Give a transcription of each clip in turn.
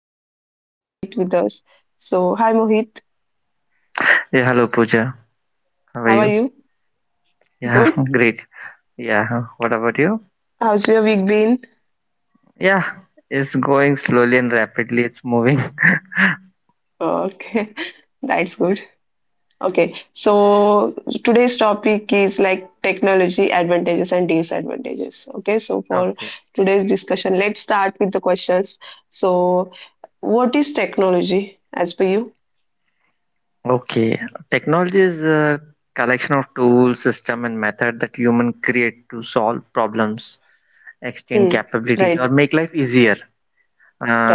and we are having Mohit with us. So hi Mohit, Yeah, hello Pooja. How are you? how are you? Yeah, Good. great. Yeah, what about you? How's your week been? Yeah, it's going slowly and rapidly. It's moving. Okay, that's good. Okay, so today's topic is like technology advantages and disadvantages. Okay, so for Okay. today's discussion, let's start with the questions. So, what is technology as per you? Okay. Technology is a collection of tools, system, and method that human create to solve problems, extend Hmm. capabilities, or Right, make life easier.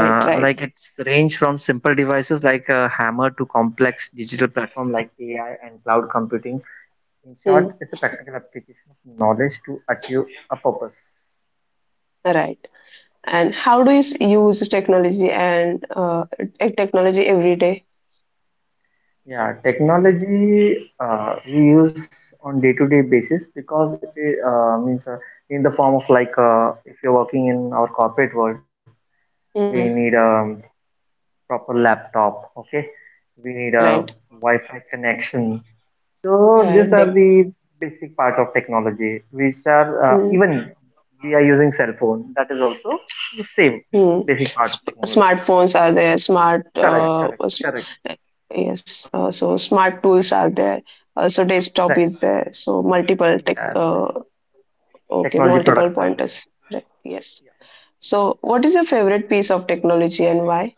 right, like right. it's range from simple devices like a hammer to complex digital platform like AI and cloud computing. In short, Hmm. it's a practical application of knowledge to achieve a purpose. Right. And how do you use technology and technology every day? Yeah, technology we use on day-to-day basis because it means in the form of like if you're working in our corporate world, we Mm, need a proper laptop. Okay, we need a right. Wi-Fi connection. So these Right. are the basic part of technology, which are mm, even we are using cell phone. That is also the same mm. basic part of technology. Smartphones are there. Smart. Correct, correct, correct. Yes. So smart tools are there. So desktop Right. is there. So multiple tech. Yeah, Okay. technology Multiple products are. pointers. Right. Yes. So what is your favorite piece of technology and why?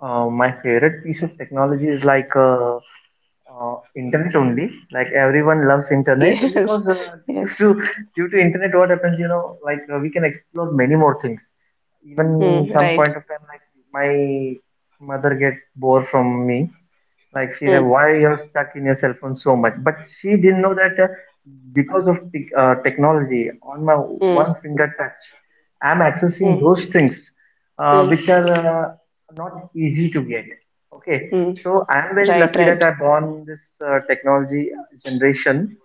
My favorite piece of technology is like internet only. Like everyone loves internet Yes. because uh, due Yes. to due to internet, what happens? We can explore many more things. Even some Right. point of time, like my mother gets bored from me, like she said, Mm, why you're stuck in your cell phone so much? But she didn't know that because of technology, on my mm, one finger touch, I'm accessing mm, those things mm, which are not easy to get. Okay, mm. so I'm very Right. lucky that Right. I born this technology generation,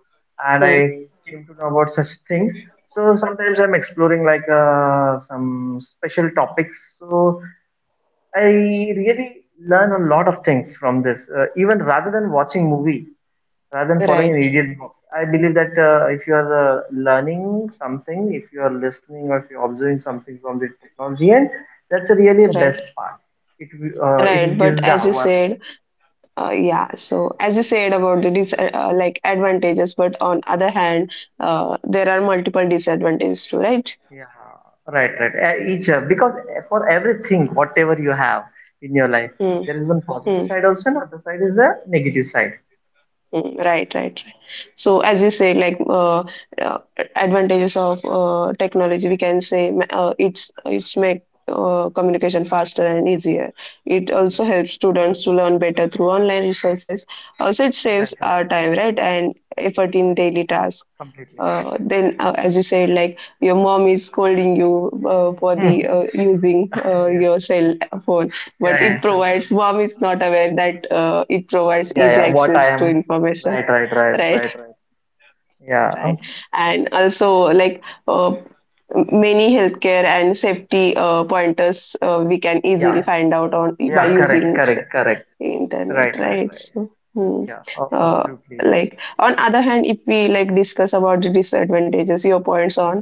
and Mm, I came to know about such things. So sometimes I'm exploring like some special topics. So I really learn a lot of things from this. Even rather than watching movie, rather than following an right, idiot book, I believe that if you are learning something, if you are listening or if you are observing something from the technology end, that's a really best right, part. It uh, right. it But gives the as you awareness. said, yeah. So as you said about the dis like advantages, but on other hand, there are multiple disadvantages too, right? Yeah, right, right. Each Because for everything, whatever you have in your life, Hmm. there is one positive Hmm. side also, and other side is the negative side. Hmm. Right, right, right. So as you said, like uh, advantages of technology, we can say it's make communication faster and easier. It also Yeah, helps students to learn better through online resources. Also, it yeah, saves right, right. our time, right, and effort in daily tasks, Completely. Then as you said, like your mom is scolding you for the Hmm. Using Yes. your cell phone, Yeah, but yeah, it provides, something. mom is not aware that it provides Yeah, easy yeah. What I access to am. information. Right, right, right, Right, right, right. Yeah, oh, right. And also, like uh, many healthcare and safety pointers we can easily yeah, find out on by yeah. Correct, using correct, correct. internet, Right, right, right? right. So hmm. Yeah, uh, absolutely. like, on other hand, if we like discuss about the disadvantages, your points on.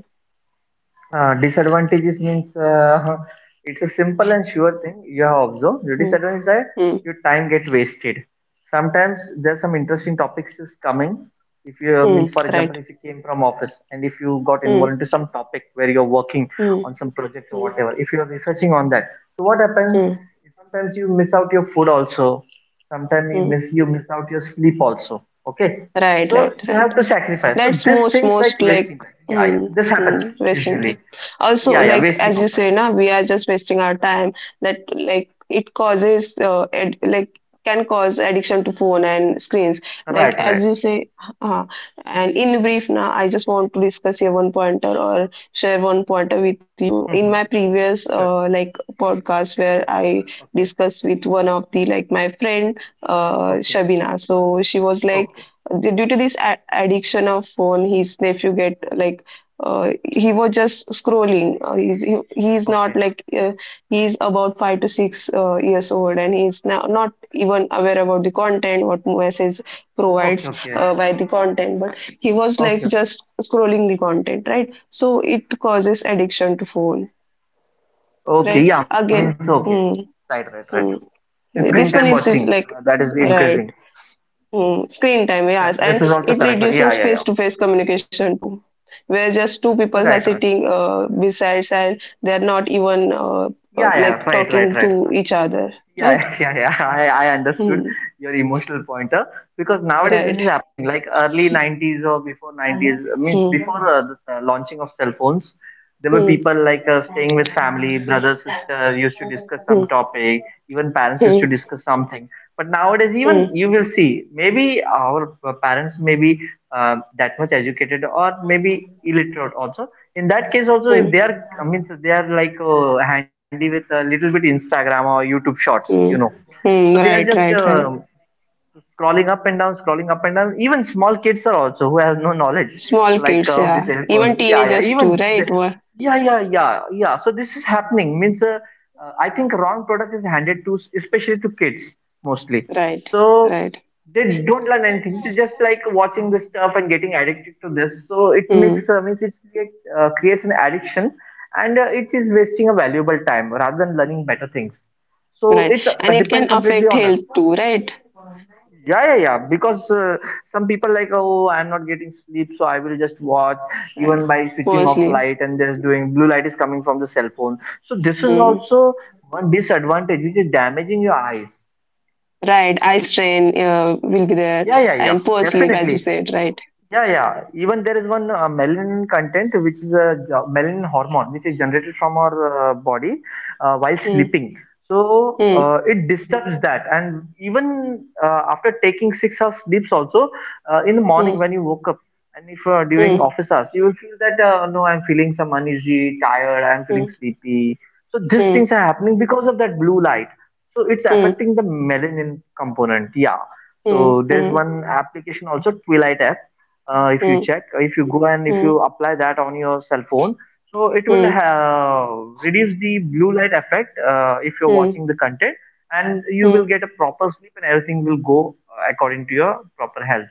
Disadvantages means it's a simple and sure thing you have observed. The Mm, disadvantage is that mm, your time gets wasted. Sometimes there's some interesting topics is coming. If you means for example, right. if you came from office and if you got involved Mm, into some topic where you're working mm, on some project or mm, whatever, if you're researching on that, so what happens? mm, Sometimes you miss out your food also. Sometimes you mm. miss you miss out your sleep also. Okay, Right, so right, you right. have to sacrifice. So That's these most, things like most like wasting time. Yeah, yeah, mm, this happens mm, wasting usually, time yeah, also. yeah, Like, wasting as of you time. say na, we are just wasting our time. That, like, it like can cause addiction to phone and screens, like Right, as right. you say. uh, and in brief na, I just want to discuss here one pointer, or share one pointer with you. In Mm-hmm. my previous Sure. Like podcast, where I Okay. discussed with one of the like my friend, Okay. Shabina. So she was like, Okay. Due to this addiction of phone, his nephew get like, he was just scrolling. He's not Okay. like, he's about five to six years old, and he's now not even aware about the content, what message Okay. provides Okay. By the content, but he was like Okay. Okay. just scrolling the content, right? So it causes addiction to phone, Okay. right, Yeah, means again. okay. mm, Right, right, right. mm. And screen time This one watching is like that is increasing. right. Screen time, Yeah, yes, this is and also it correct. Yeah, reduces yeah, yeah. face-to-face communication too, where just two people are Right, right. sitting besides and they're not even Yeah, yeah. like Right, right, talking right. to each other, right? Yeah, yeah, yeah. I understood Hmm. your emotional pointer because nowadays this is Right. happening like early 90s or before 90s means Hmm. before the launching of cell phones, there were Hmm. people like staying with family, brother, sister used to discuss Hmm. some topic, even parents used to Hmm. discuss something. But nowadays, even Hmm. you will see maybe our parents may be that much educated or maybe illiterate also. In that case also, Hmm. if they are, I mean, so they are like handy with a little bit Instagram or YouTube shorts, you know, Hmm. so they Hmm. are just Right. Right. Right. scrolling up and down, scrolling up and down. Even small kids are also who have no knowledge Small like kids, of the yeah, cell phone. even Yeah, yeah. teenagers too, Even the, right? Yeah, yeah, yeah, yeah. So this is happening means I think wrong product is handed to especially to kids mostly. Right. So Right. they don't learn anything. So just like watching this stuff and getting addicted to this. So it makes Hmm. Means it creates an addiction and it is wasting a valuable time rather than learning better things, so Right. it's And it can depend completely affect on us, health too, right? yeah, yeah, yeah. Because some people like, oh, I'm not getting sleep, so I will just watch Right. even by switching Poor off sleep. light and there's doing blue light is coming from the cell phone. So this is Mm. also one disadvantage which is damaging your eyes. Right, eye strain will be there, Yeah, yeah, yeah. and poor sleep, as you Definitely. said, right? Yeah, yeah. Even there is one melanin content, which is a melanin hormone, which is generated from our body while Mm, sleeping. So mm, it disturbs that, and even after taking 6 hours sleeps, also in the morning mm, when you woke up, and if during mm, office hours, you will feel that no, I'm feeling some uneasy, tired, I'm mm, feeling mm, sleepy. So these things are happening because of that blue light. So it's mm, affecting the melanin component. Yeah. mm, So there is mm, one application also, Twilight app, if you mm, check, if you go and if you mm, apply that on your cell phone, so it will mm, reduce the blue light effect if you're mm, watching the content, and you will mm. get a proper sleep and everything will go according to your proper health,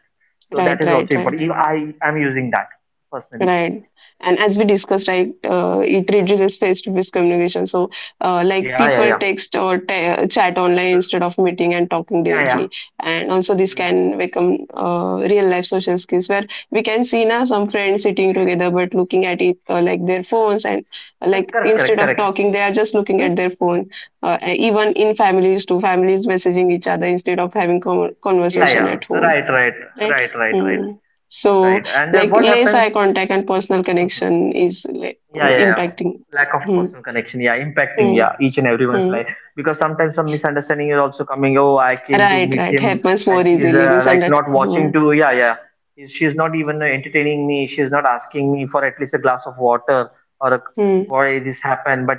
so that Right, is right, also right. important. Even I am using that personally. Right. And as we discussed, right, it reduces face-to-face communication. So, like Yeah, yeah, people yeah, text or chat online instead of meeting and talking yeah, yeah. directly. And also, this Mm. can become real-life social skills, where we can see now some friends sitting together but looking at it like their phones and Yeah, like, correct, correct, instead of correct, talking, they are just looking at means their phone. Even in families too, families messaging each other instead of having yeah, conversation yeah, at home, right, right, right? right, right, right, Mm. So, right, and like what less happens. eye contact and personal Mhm. connection is like Yeah, yeah, yeah. impacting. Lack of Mm. personal connection, yeah, impacting, Mm. yeah, each and everyone's Mm. life. Because sometimes some misunderstanding is also coming. Oh, I came to Right, meet right. him, Happens and more she's easily. Like Misunderstanding. not watching Mm. to, yeah, yeah. She's not even entertaining me. She's not asking me for at least a glass of water or a, Mm. why this happened. But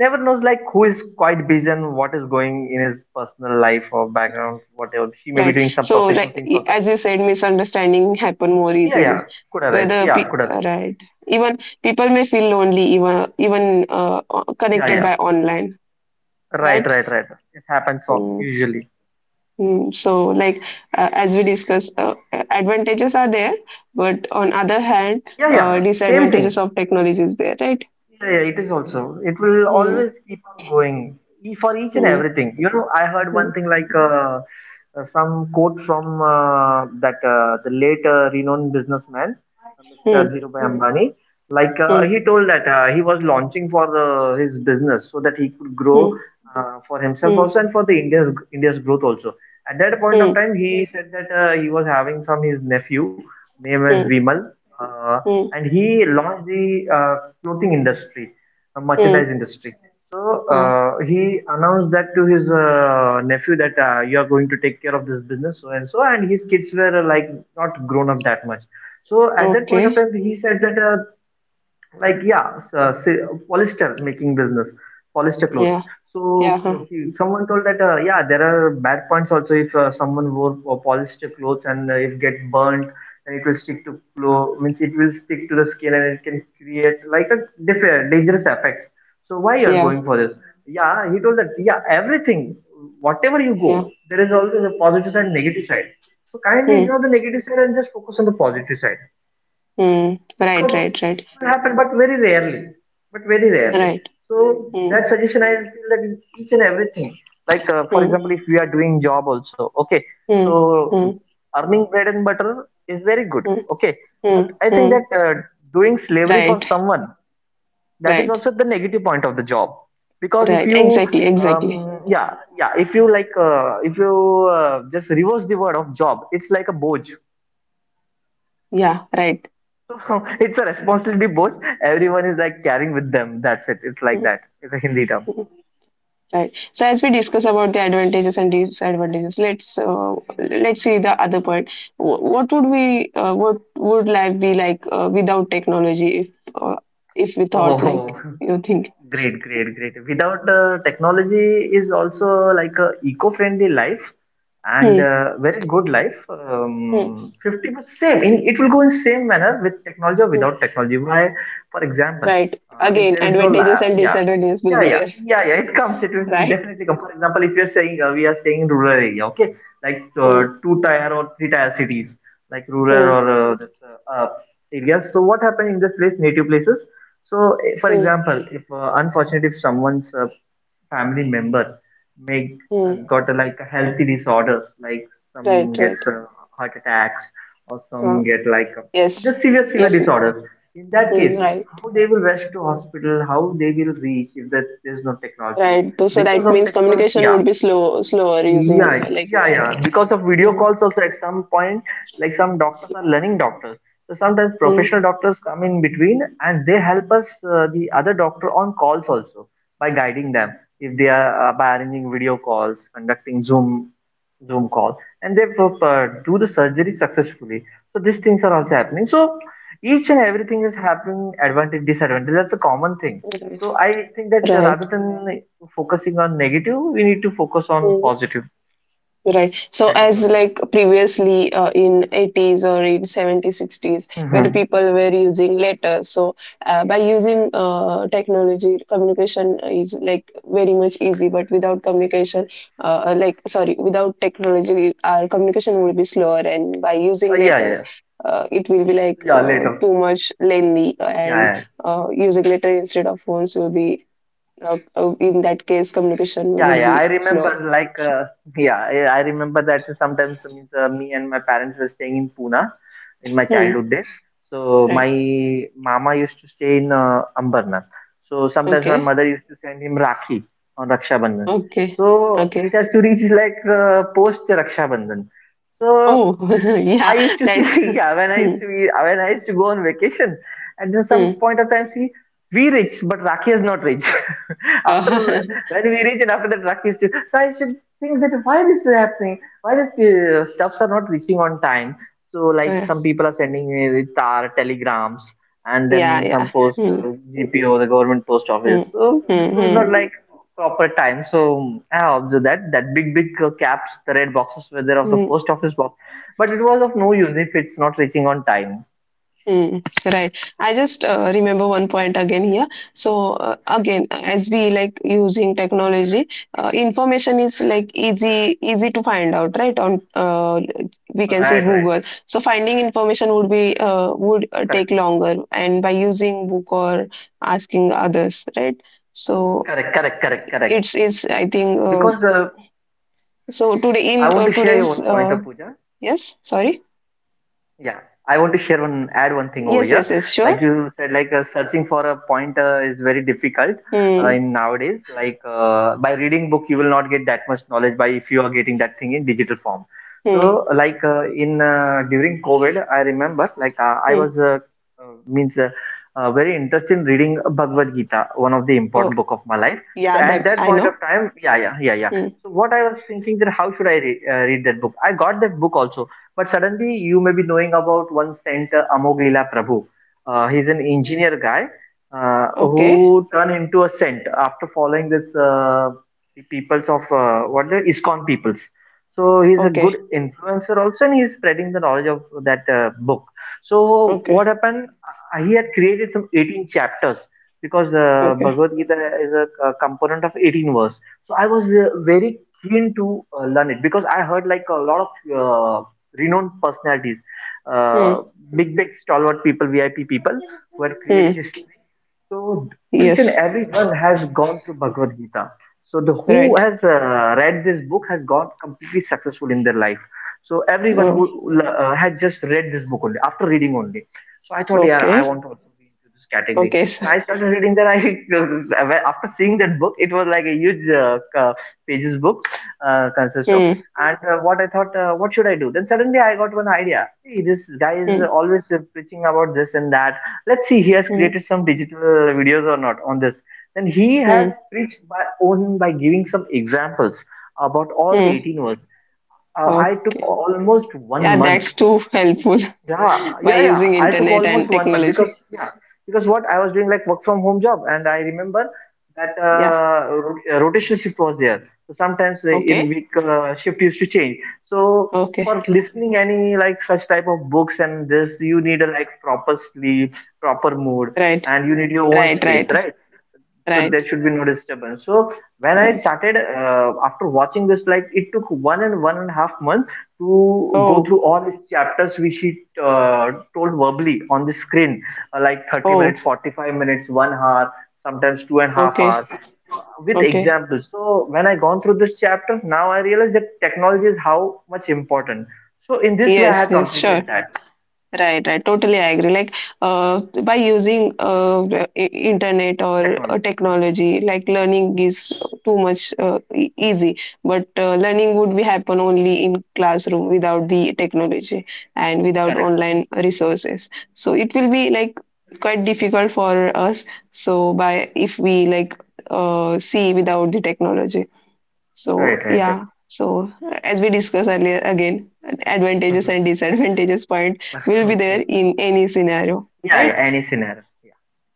never knows like who is quite busy and what is going in his personal life or background, whatever. She may be Right. doing some So, professional like, things also. as you said, misunderstanding happen more Yeah, yeah, easily. could arise. Yeah, could arise. Right, even people may feel lonely, even, even Yeah, connected yeah. by online. Right, Right. right, right. It happens so Mm. usually. Mm, so, like, as we discussed, advantages are there, but on other hand, Yeah, yeah, same thing. disadvantages of technology is there, right? Yeah, yeah, it is also. It will always Mm, keep on going for each and mm, everything. You know, I heard mm, one thing like some quote from that the late renowned businessman, Mr. mm, Dhirubhai Hmm. Ambani. Like mm, he told that he was launching for his business so that he could grow mm, for himself mm, also and for the India's growth also. At that point of mm, time, he said that he was having some his nephew, name as mm, Vimal. Uh, mm, and he launched the clothing industry, merchandise mm. industry. So Ah, he announced that to his nephew that you are going to take care of this business, so and so. And his kids were like not grown up that much. So at that point of okay. time, he said that like yeah, so, say polyester making business, polyester clothes, Yeah. so Yeah. Huh. okay, someone told that yeah, there are bad points also if someone wore polyester clothes and if get burnt, and it will stick to means it will stick to the skin and it can create like a different dangerous effects, so why you are Yeah. going for this. Yeah, he told that yeah, everything, whatever you go, Yeah. there is always a positive side and negative side, so kindly Mm, ignore the negative side and just focus on the positive side, mm. Right. because Right. Right. it happen, but very rarely, but very rarely. Right. So Mm, that suggestion I feel that in each and everything, like for mm, example, if we are doing job also, okay, mm, so mm, earning bread and butter is very good, mm, okay, but mm, I think mm. that doing slavery for Right. someone, that is Right. also the negative point of the job, because if Right. you Exactly. Exactly. Yeah, yeah, if you like if you just reverse the word of job, it's like a boj. Yeah. Right. So it's a responsibility both. Everyone is like carrying with them. That's it. It's like Mm, that. It's a Hindi term. mm. Right. So as we discuss about the advantages and disadvantages, let's see the other part. What would we what would life be like without technology? Uh, if we thought like Oh, you think, Great, great, great. Without technology is also like a eco-friendly life and hmm, very good life. hmm, 50% same. In, it will go in same manner with technology or hmm, without technology. Why? For example, right? If Again, there is no advantages la- and yeah, disadvantages will yeah, be yeah, there, yeah, yeah. It comes. It will right? definitely come. For example, if you're saying we are staying in rural area, okay, like Hmm, two tier or three tier cities, like rural hmm, or this areas. So what happened in this place, native places? So, for hmm, example, if unfortunately, if someone's family member make hmm. got a, like a healthy disorders, like some Right, gets right. Heart attacks or Uh, some get like yes, just serious severe yes. disorders. In that Hmm, case, right, how they will rush to hospital? How they will reach if that there's no technology? right. So, so Because that of means technology, communication yeah, would be slow, slower using yeah, like. yeah, yeah. Because of video Hmm, calls, also at some point, like some doctors are learning doctors. So sometimes hmm. professional doctors come in between and they help us, the other doctor, on calls also by guiding them if they are by arranging video calls, conducting Zoom call, and they do the surgery successfully. So these things are also happening. So each and everything is happening advantage disadvantage. That's a common thing. Right. So I think that Right. rather than focusing on negative, we need to focus on Mm, positive. right. So That is as one thing. like previously in 80s or in 70s, 60s, where the Mhm. people were using letters. So by using technology, communication is like very much easy. But without communication, like, sorry, without technology, our communication will be slower. And by using Yeah, letter, yeah, it will be like yeah. Later. too much lengthy. Yeah, And yeah, using letter instead of phones will be, in that case, communication yeah, would yeah, I be slower. remember like yeah, I remember that sometimes means me and my parents were staying in Pune in my Hmm. childhood days. So my Right. mama used to stay in Ambernath. So sometimes my Okay. mother used to send him Rakhi on Raksha Bandhan. Okay. So it Okay. has to reach like post Raksha Bandhan. So Oh, I yeah. used to That's see yeah when I hmm, used to be when I used to go on vacation at some hmm. point of time see we rich, but Rakhi is not rich. after when we rich, and after that Rakhi is rich. So I should think that why this is happening? Why this stuffs are not reaching on time? So like some people are sending me with tar telegrams, and Yeah. then Yeah. some post Hmm. GPO, the government post Hmm. office. So this Hmm. was not Hmm. like proper time. So I observed that that big caps, the red boxes were there of the Hmm. post office box, but it was of no use if it's not reaching on time. Right. I just remember one point again here. So, again, as we like using technology, information is like easy, easy to find out, right? On Right, right. we can say Google. So finding information Correct, would be would take longer, and by using book or asking others, right? correct, correct, correct, So correct. it's I Because think. So I want today to share in, you one point of today's puja. Yes, sorry, Yeah, I want to share one, add one thing over here. yes, yes, yes, Like sure. you said, like searching for a pointer is very difficult Hmm. in nowadays. Like by reading book, you will not get that much knowledge. By if you are getting that thing in digital form. Hmm. So like in during COVID, I remember like I Hmm. was means very interested in reading Bhagavad Gita, one of the important Oh book of my life. So yeah, at that that I point of know. time, yeah, yeah, yeah, yeah. Hmm. So what I was thinking that how should I read that book? I got that book also but suddenly you may be knowing about one saint, Amog Leela Prabhu. He's an engineer guy Okay. who turned into a saint after following this the peoples of what the ISKCON peoples. So he's a good Okay. influencer also, and he's spreading the knowledge of that book. So what Okay. happened? He had created some 18 chapters because Okay. Bhagavad Gita is a, component of 18 verse. So I was very keen to learn it because I heard like a lot of renowned personalities, Hmm. uh, big stalwart people, VIP people who had created Hmm. history. So each and Yes. every one has gone through Bhagavad Gita. So the who Right. has read this book has gone completely successful in their life. So everyone Oh, who had just read this book only after reading only. So I thought, yeah, I okay. want to also be into this category. Okay. So, Then I started reading that. I after seeing that book, it was like a huge pages book consist of. hmm. And what I thought, what should I do? Then suddenly I got one idea. See, this guy is Hmm. always preaching about this and that. Let's see, he has Hmm. created some digital videos or not on this. Then he has Hmm. preached by own by giving some examples about all the Hmm. 18 words. I took Okay. almost one Yeah, month that's too helpful yeah, by yeah, yeah. using I took internet almost and one month because technology. yeah, because what I was doing like work from home job, and I remember that Yeah. Rotation shift was there. So sometimes in Okay. week shift used to change. So Okay. for listening any like such type of books and this, you need a like proper sleep, proper mood, Right. and you need your own Right. space, Right. right? So Right. there should be no disturbance so when I Right. started after watching this like it took one and one and a half month to go Oh. through all his chapters which he uh, told verbally on the screen like 30 Oh. minutes 45 minutes one hour sometimes two and a half Okay. hour with Okay. examples. So when I gone through this chapter, now I realize that technology is how much important. So in this way, I Yes. have Yes. Sure. completed that. Right, right. Totally, I agree. Like, by using Mhm. internet or Technology. Mhm. technology, like learning Mhm. is too much easy. But learning would be happen only in classroom without the technology and Yeah. without Correct. online resources. So it will be like quite difficult for us. So by if we like see without the technology. So Right. Right. Right. yeah, so as we discussed earlier, again, advantages and disadvantages point will be there Mhm. in any scenario, Yeah, right? yeah, any scenario. Yeah.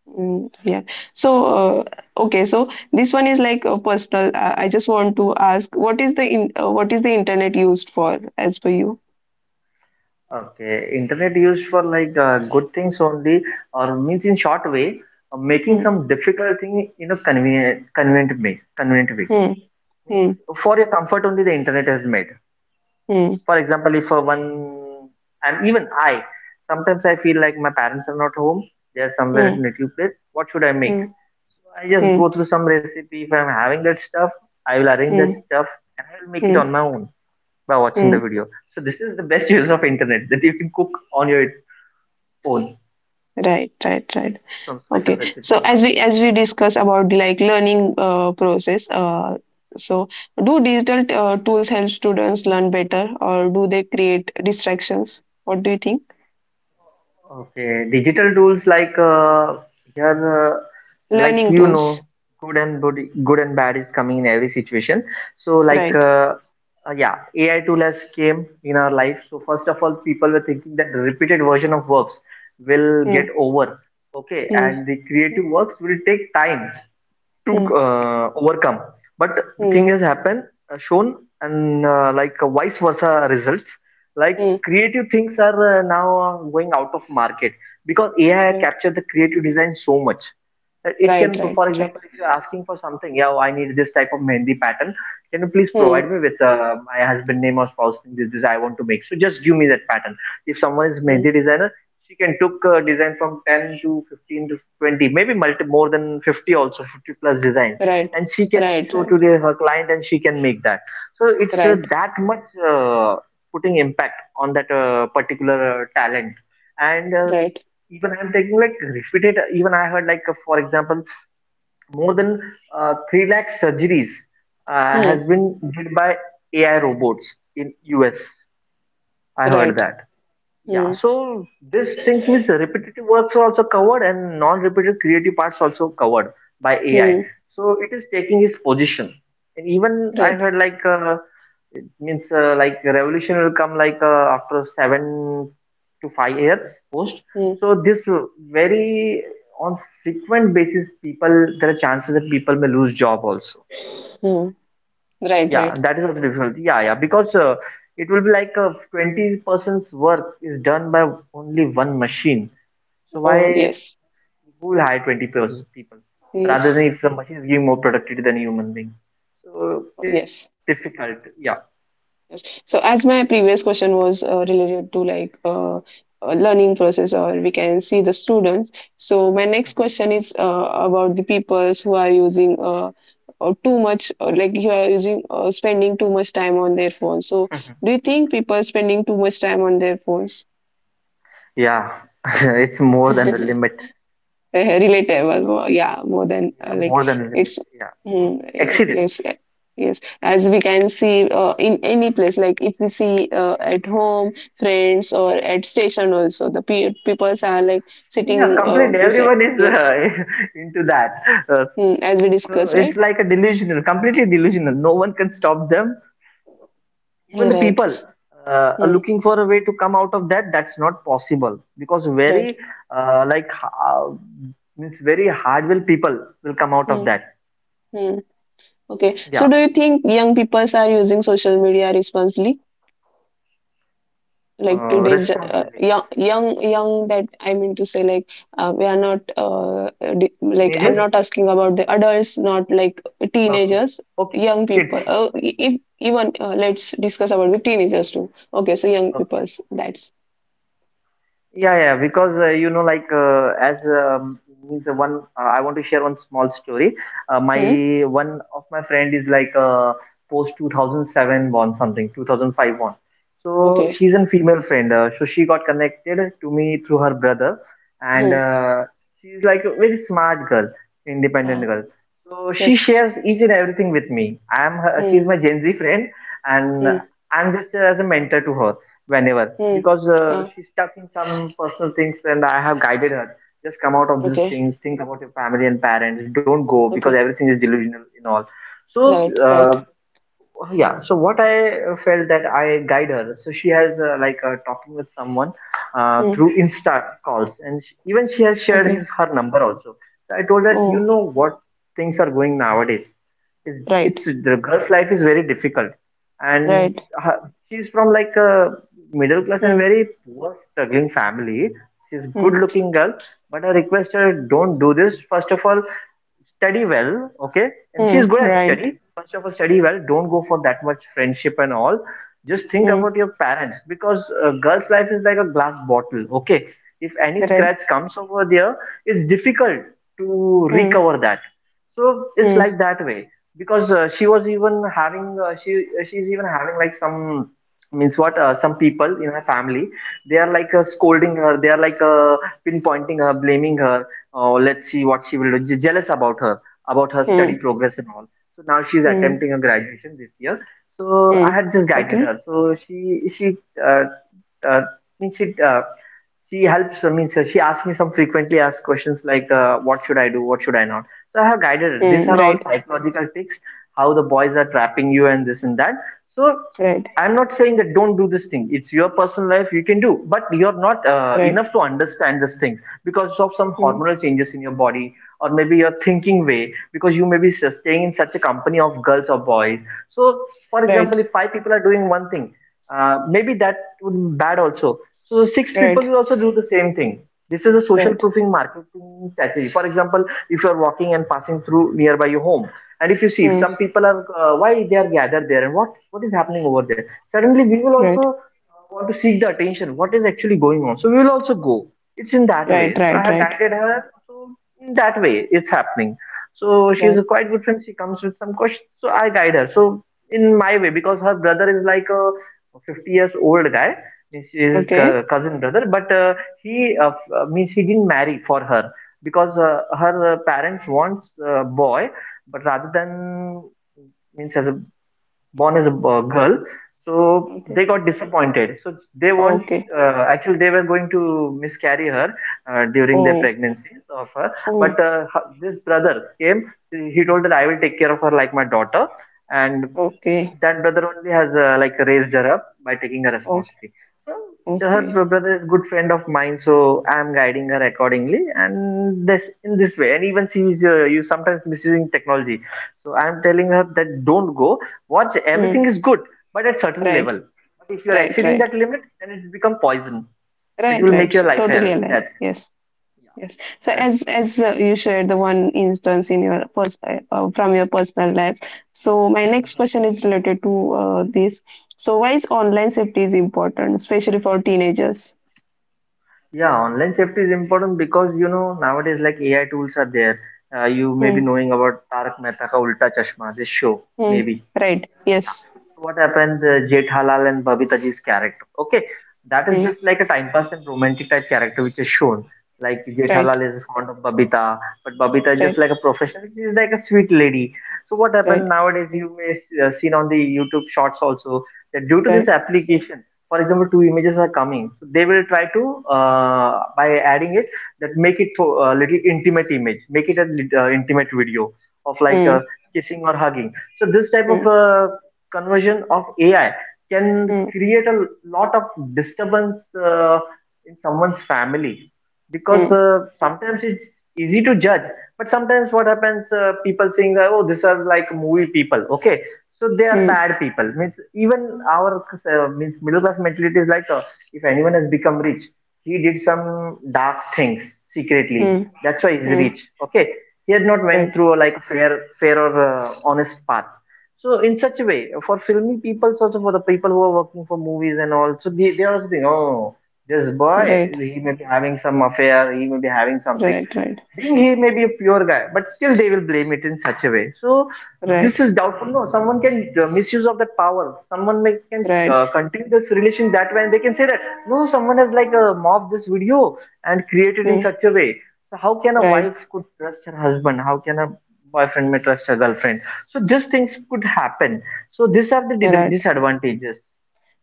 Mm, yeah. So okay, so this one is like a personal. I just want to ask, what is the what is the internet used for, as per you? Okay. Internet used for like good things only, or means in short way, making Hmm. some difficult thing in a convenient way. Convenient way. Hmm. Hmm. Means for your comfort only, the internet is made. Hmm. For example, if one and even I, sometimes I feel like my parents are not home. They are somewhere at Hmm. native place. What should I make? Hmm. I just Hmm. go through some recipe. If I'm having that stuff, I will arrange that Hmm. stuff and I will make it Hmm. on my own by watching Hmm. the video. So this is the best use of internet that you can cook on your phone Right. Right. Right. some special Okay. So recipe. Yeah. As we discuss about the like learning process, so do digital tools help students learn better, or do they create distractions? What do you think? Okay, digital tools like here, like Learning you tools, know, good and good, good and bad is coming in every situation. So like, right? Yeah, AI tool has came in our life. So first of all, people were thinking that repeated version of works will get Hmm. over. Okay, Hmm. and the creative works will take time to Hmm. Overcome but the Hmm. thing has happened shown and like vice versa results like Hmm. creative things are now going out of market because AI Right. captured the creative design so much that it Right. can Right. for Right. example if you're asking for something yeah I need this type of mehndi pattern can you please Hmm. provide me with my husband name or spouse name this, this I want to make so just give me that pattern if someone is Hmm. mehndi designer she can took design from 10 to 15 to 20 maybe multi more than 50 also 50 plus design Right. and she can Right. show to Right. the, her client and she can make that so it's Right. that much uh, putting impact on that particular talent and Right. even I'm taking like repeated even I heard like for example more than 3 lakh surgeries has Hmm. been did by AI robots in US I heard Right. that. Yeah, Hmm. so this things means the repetitive works are also covered and non-repetitive creative parts also covered by AI. Hmm. So it is taking its position. And even I Right. heard like it means like revolution will come like after seven to five years post. Hmm. So this very on frequent basis, people there are chances that people may lose job also. Hmm. Right. Yeah, Right. that is also difficult. Yeah, yeah, because it will be like 20 person's work is done by only one machine. So Oh why yes. who will hire people rather Yes. than if the machine is giving more productivity than human being? So it's like Yes. difficult. Yeah. Yes. So as my previous question was related to like learning process, or we can see the students. So my next Mhm. question is about the peoples who are using too much, or like, you are using spending too much time on their phones. So Mhm. do you think people spending too much time on their phones? Yeah, it's more than the limit. Uh, relatable more, yeah, more than Yeah, like more than the limit. it's Yeah, more mm, than exceeded. yes, yes. As we can see in any place, like if we see at home, friends, or at station also, the peoples are like Yeah, sitting completely. beside, Everyone is yes. into that. Uh, Mm, as we so discuss, it's right, like a delusional, completely delusional. No one can stop them, even the right. people are Mm, looking for a way to come out of that that's not possible because right. very like uh, means very hard will people will come out of mm, that mm. Okay, so do yeah you think young peoples are using social media responsibly, like uh, today's responsibly young. That I mean to say, like, we are not like, I'm teenagers not asking about the adults, not like okay teenagers, okay young kids people. Even let's discuss about the teenagers too, okay? So young okay. people's, that's Yeah, yeah, because you know, like as means one, I want to share one small story. Hmm? My one of my friend is like post 2007 born something, 2005 born. So Okay, she's a female friend. So she got connected to me through her brother, and hmm. She's like a very smart girl, independent Uh, girl. So she yes, shares each and everything with me. I'm her, she's hmm. my Gen Z friend, and Hmm. I'm just as a mentor to her. Whenever, Hmm. because Uh, she's stuck in some personal things, and I have guided her, just come out of these okay, things, think about your family and parents, don't go because okay, everything is delusional in all. So right, uh, right, yeah, so what I felt that I guide her. So she has like talking with someone hmm. through Insta calls, and sh even she has shared his, Okay, her number also. So I told her, you oh, know what things are going nowadays, it's, right, it's the girl's life is very difficult. And right, her, she's from like a middle class and hmm. very poor struggling family. She's good Hmm. looking girl, but I request her, don't do this. First of all, study well, okay? And she's Hmm. good at Right, study. First of all, study well. Don't go for that much friendship and all. Just think hmm. about your parents, because girl's life is like a glass bottle, okay? If any Right. scratch comes over there, it's difficult to Hmm. recover that. So it's Hmm. like that way. Because she was even having she she's even having like some means what some people in her family, they are like scolding her, they are like pinpointing her, blaming her. Oh, let's see what she will do. Jealous about her study Mm, progress and all. So now she's mm, attempting a graduation this year. So I mm. had just guided Okay. her. So she uh, uh, means it, she helps means she asks me some frequently asked questions like what should I do, what should I not. So I have guided her. These are Right, all psychological tricks, how the boys are trapping you and this and that. So right, I'm not saying that don't do this thing. It's your personal life, you can do, but you're not right, enough to understand this thing, because of some mm, hormonal changes in your body, or maybe your thinking way, because you may be staying in such a company of girls or boys. So, for right, example, if five people are doing one thing, maybe that would be bad also. So the six people right, will also do the same thing. This is a social right, proofing marketing strategy. For example, if you are walking and passing through nearby your home, and if you see if mm, some people are why they are gathered there and what is happening over there, suddenly we will also right, want to seek the attention. What is actually going on? So we will also go. It's in that right, way. So I right, have right, guided her. So in that way, it's happening. So she is right. a quite good friend. She comes with some questions. So I guide her. So in my way. Because her brother is like a 50 years old guy, means his Okay, cousin brother. But he means he didn't marry for her, because her parents wants a boy, but rather than, means as a born as a girl, so okay, they got disappointed. So they want, okay. Actually they were going to miscarry her during their Oh, pregnancy of her. But oh, this brother came, he told that I will take care of her like my daughter, and okay, that brother only has like raised her up by taking the okay, responsibility. So her okay. Brother is good friend of mine, so I'm guiding her accordingly, and this, in this way. And even she is you sometimes misusing technology, so I'm telling her that don't go. Watch, Mm, everything is good, but at certain right, level. But if you are right, exceeding right, that limit, then it become poison. It right, will make right. your So, life totally hell. aligned. That's Yes. Yes. So yeah. as you shared the one instance in your from your personal life, so my next question is related to this. So why is online safety is important, especially for teenagers? Yeah, online safety is important, because you know nowadays like AI tools are there. You may be Hmm. knowing about Tarak Mehta Ka Ulta Chashma, this show Hmm. maybe. Right. Yeah. Yes. So what happened? Jethalal and Babitaji's character. Okay, that is Hmm. just like a time pass and romantic type character which is shown. Like Right. Jethalal is fond of Babita, but Babita is just Right. like a professional. She is like a sweet lady. So what happened Right. nowadays? You may seen on the YouTube shorts also that due to this Right. application, for example, two images are coming. So they will try to by adding it, that make it for a little intimate image, make it a intimate video of like Hmm. Kissing or hugging. So this type Hmm. of conversion of AI can Hmm. create a lot of disturbance in someone's family. Because Hmm. Sometimes it's easy to judge, but sometimes what happens, people saying, "Oh, these are like movie people." Okay, so they are Hmm. bad people. Means even our means middle class mentality is like, if anyone has become rich, he did some dark things secretly. Hmm. That's why he's Hmm. rich. Okay, he had not went Right. through a, like fair, fair or honest path. So in such a way, for filmy people, also for the people who are working for movies and all, so they also think, oh, this boy, Right. he may be having some affair, he may be having something, Right. being he may be a pure guy, but still they will blame it in such a way. So Right. this Right. is doubtful. No, someone can misuse of that power. Someone may, can Right. Continue this relation that way, and they can say that no, someone has like mobbed this video and created in Hmm. such a way. So how can a Right. wife could trust her husband? How can a boyfriend may trust her girlfriend? So these things could happen. So these are the Right. Right. disadvantages.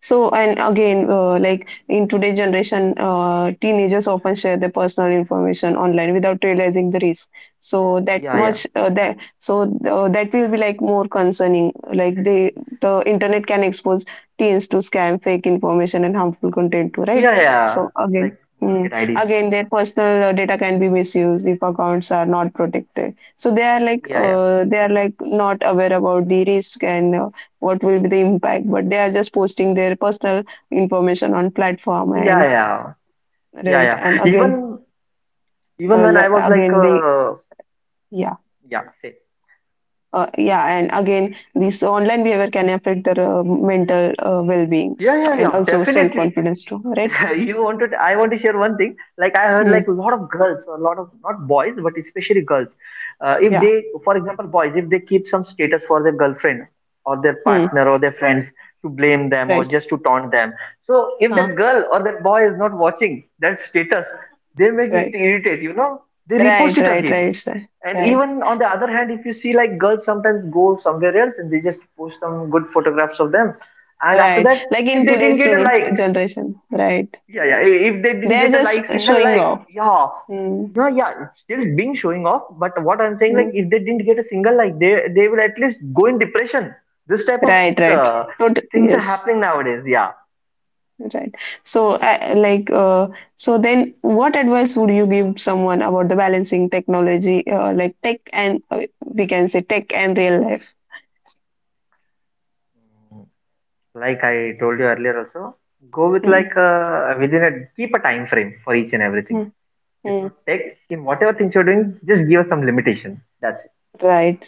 So, and again, like in today's generation, teenagers often share their personal information online without realizing the risk. So that Yeah, yeah, much that, so that will be like more concerning. Like, they, the internet can expose teens to scam, fake information, and harmful content too, right? yeah, yeah. So again. Like duplicate IDs. Again, their personal data can be misused if accounts are not protected. So Yeah, yeah, they are like not aware about the risk and what will be the impact, but they are just posting their personal information on platform, yeah, and yeah yeah right. yeah And again, even when I was like, again they, yeah, yeah, say, yeah, and again, this online behavior can affect their mental well-being, yeah, yeah, and yeah, also definitely. self-confidence too, right? You want to I want to share one thing. Like I heard like a Hmm. lot of girls, a lot of, not boys, but especially girls, if Yeah. they, for example, boys, if they keep some status for their girlfriend or their Hmm. partner or their friends to blame them or Right. just to taunt them, so if uh, that girl or that boy is not watching that status, they make it right, irritate, you know, they repost right, it right, again. right, sir. And Right, even on the other hand, if you see like girls sometimes go somewhere else and they just post some good photographs of them. And after right. that, Like in if they didn't today's get a like, generation, right, yeah, yeah. If they they didn't are get a just like single showing like, off. yeah, Hmm, no, yeah, it's still being showing off. But what I'm saying, like, hmm, if they didn't get a single like, they will at least go in depression. This type of right, right. uh, things are Yes. happening nowadays. Yeah, Right. So, like, so then what advice would you give someone about the balancing technology, like tech and we can say tech and real life? like I told you earlier also, go with Mm, like within a, keep a time frame for each and everything. mm, It's mm. not take in whatever things you're doing, just give us some limitation. That's it. Right.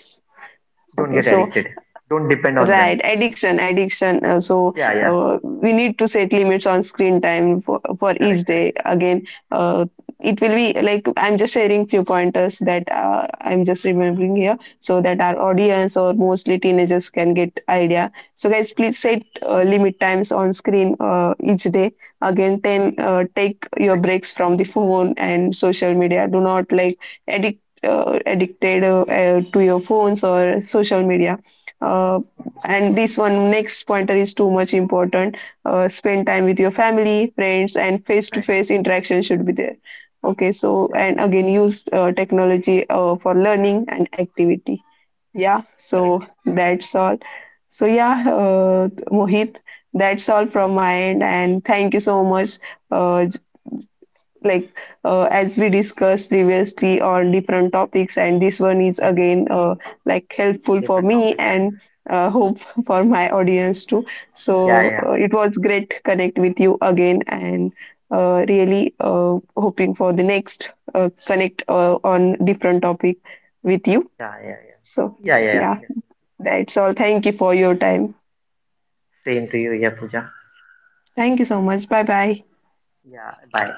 Don't Okay. get So, addicted. Don't depend on right, them. addiction, addiction. Uh, so Yeah, yeah. uh, we need to set limits on screen time for each Correct, correct. day. Again, it will be like, I'm just sharing few pointers that I'm just remembering here, so that our audience or mostly teenagers can get idea. So guys, Okay. please Right, right. set limit times on screen each day. Mhm. Again, ten take your Correct. breaks from the phone and social media. Do not like addicted to your phones or social media. Uh, Mm-hmm. and this one next pointer is too much important, spend time with your family, friends, and face to Right, face interaction should be there, okay? So, correct, and again, use technology for learning and activity, yeah. So correct. that's all. So yeah, Mohit, that's all from Mm-hmm. my end, and thank you so much. Uh, like, as we discussed previously on different topics, and this one is again like helpful for Different me, topic. and hope for my audience too. Yeah, So yeah, it was great connect with you again, and really hoping for the next connect on different topic with you. yeah, yeah, So yeah, yeah, yeah, yeah, yeah. that's all. Thank you for your time. Same to you, yeah, Pooja. Thank you so much. Bye bye. Yeah, bye.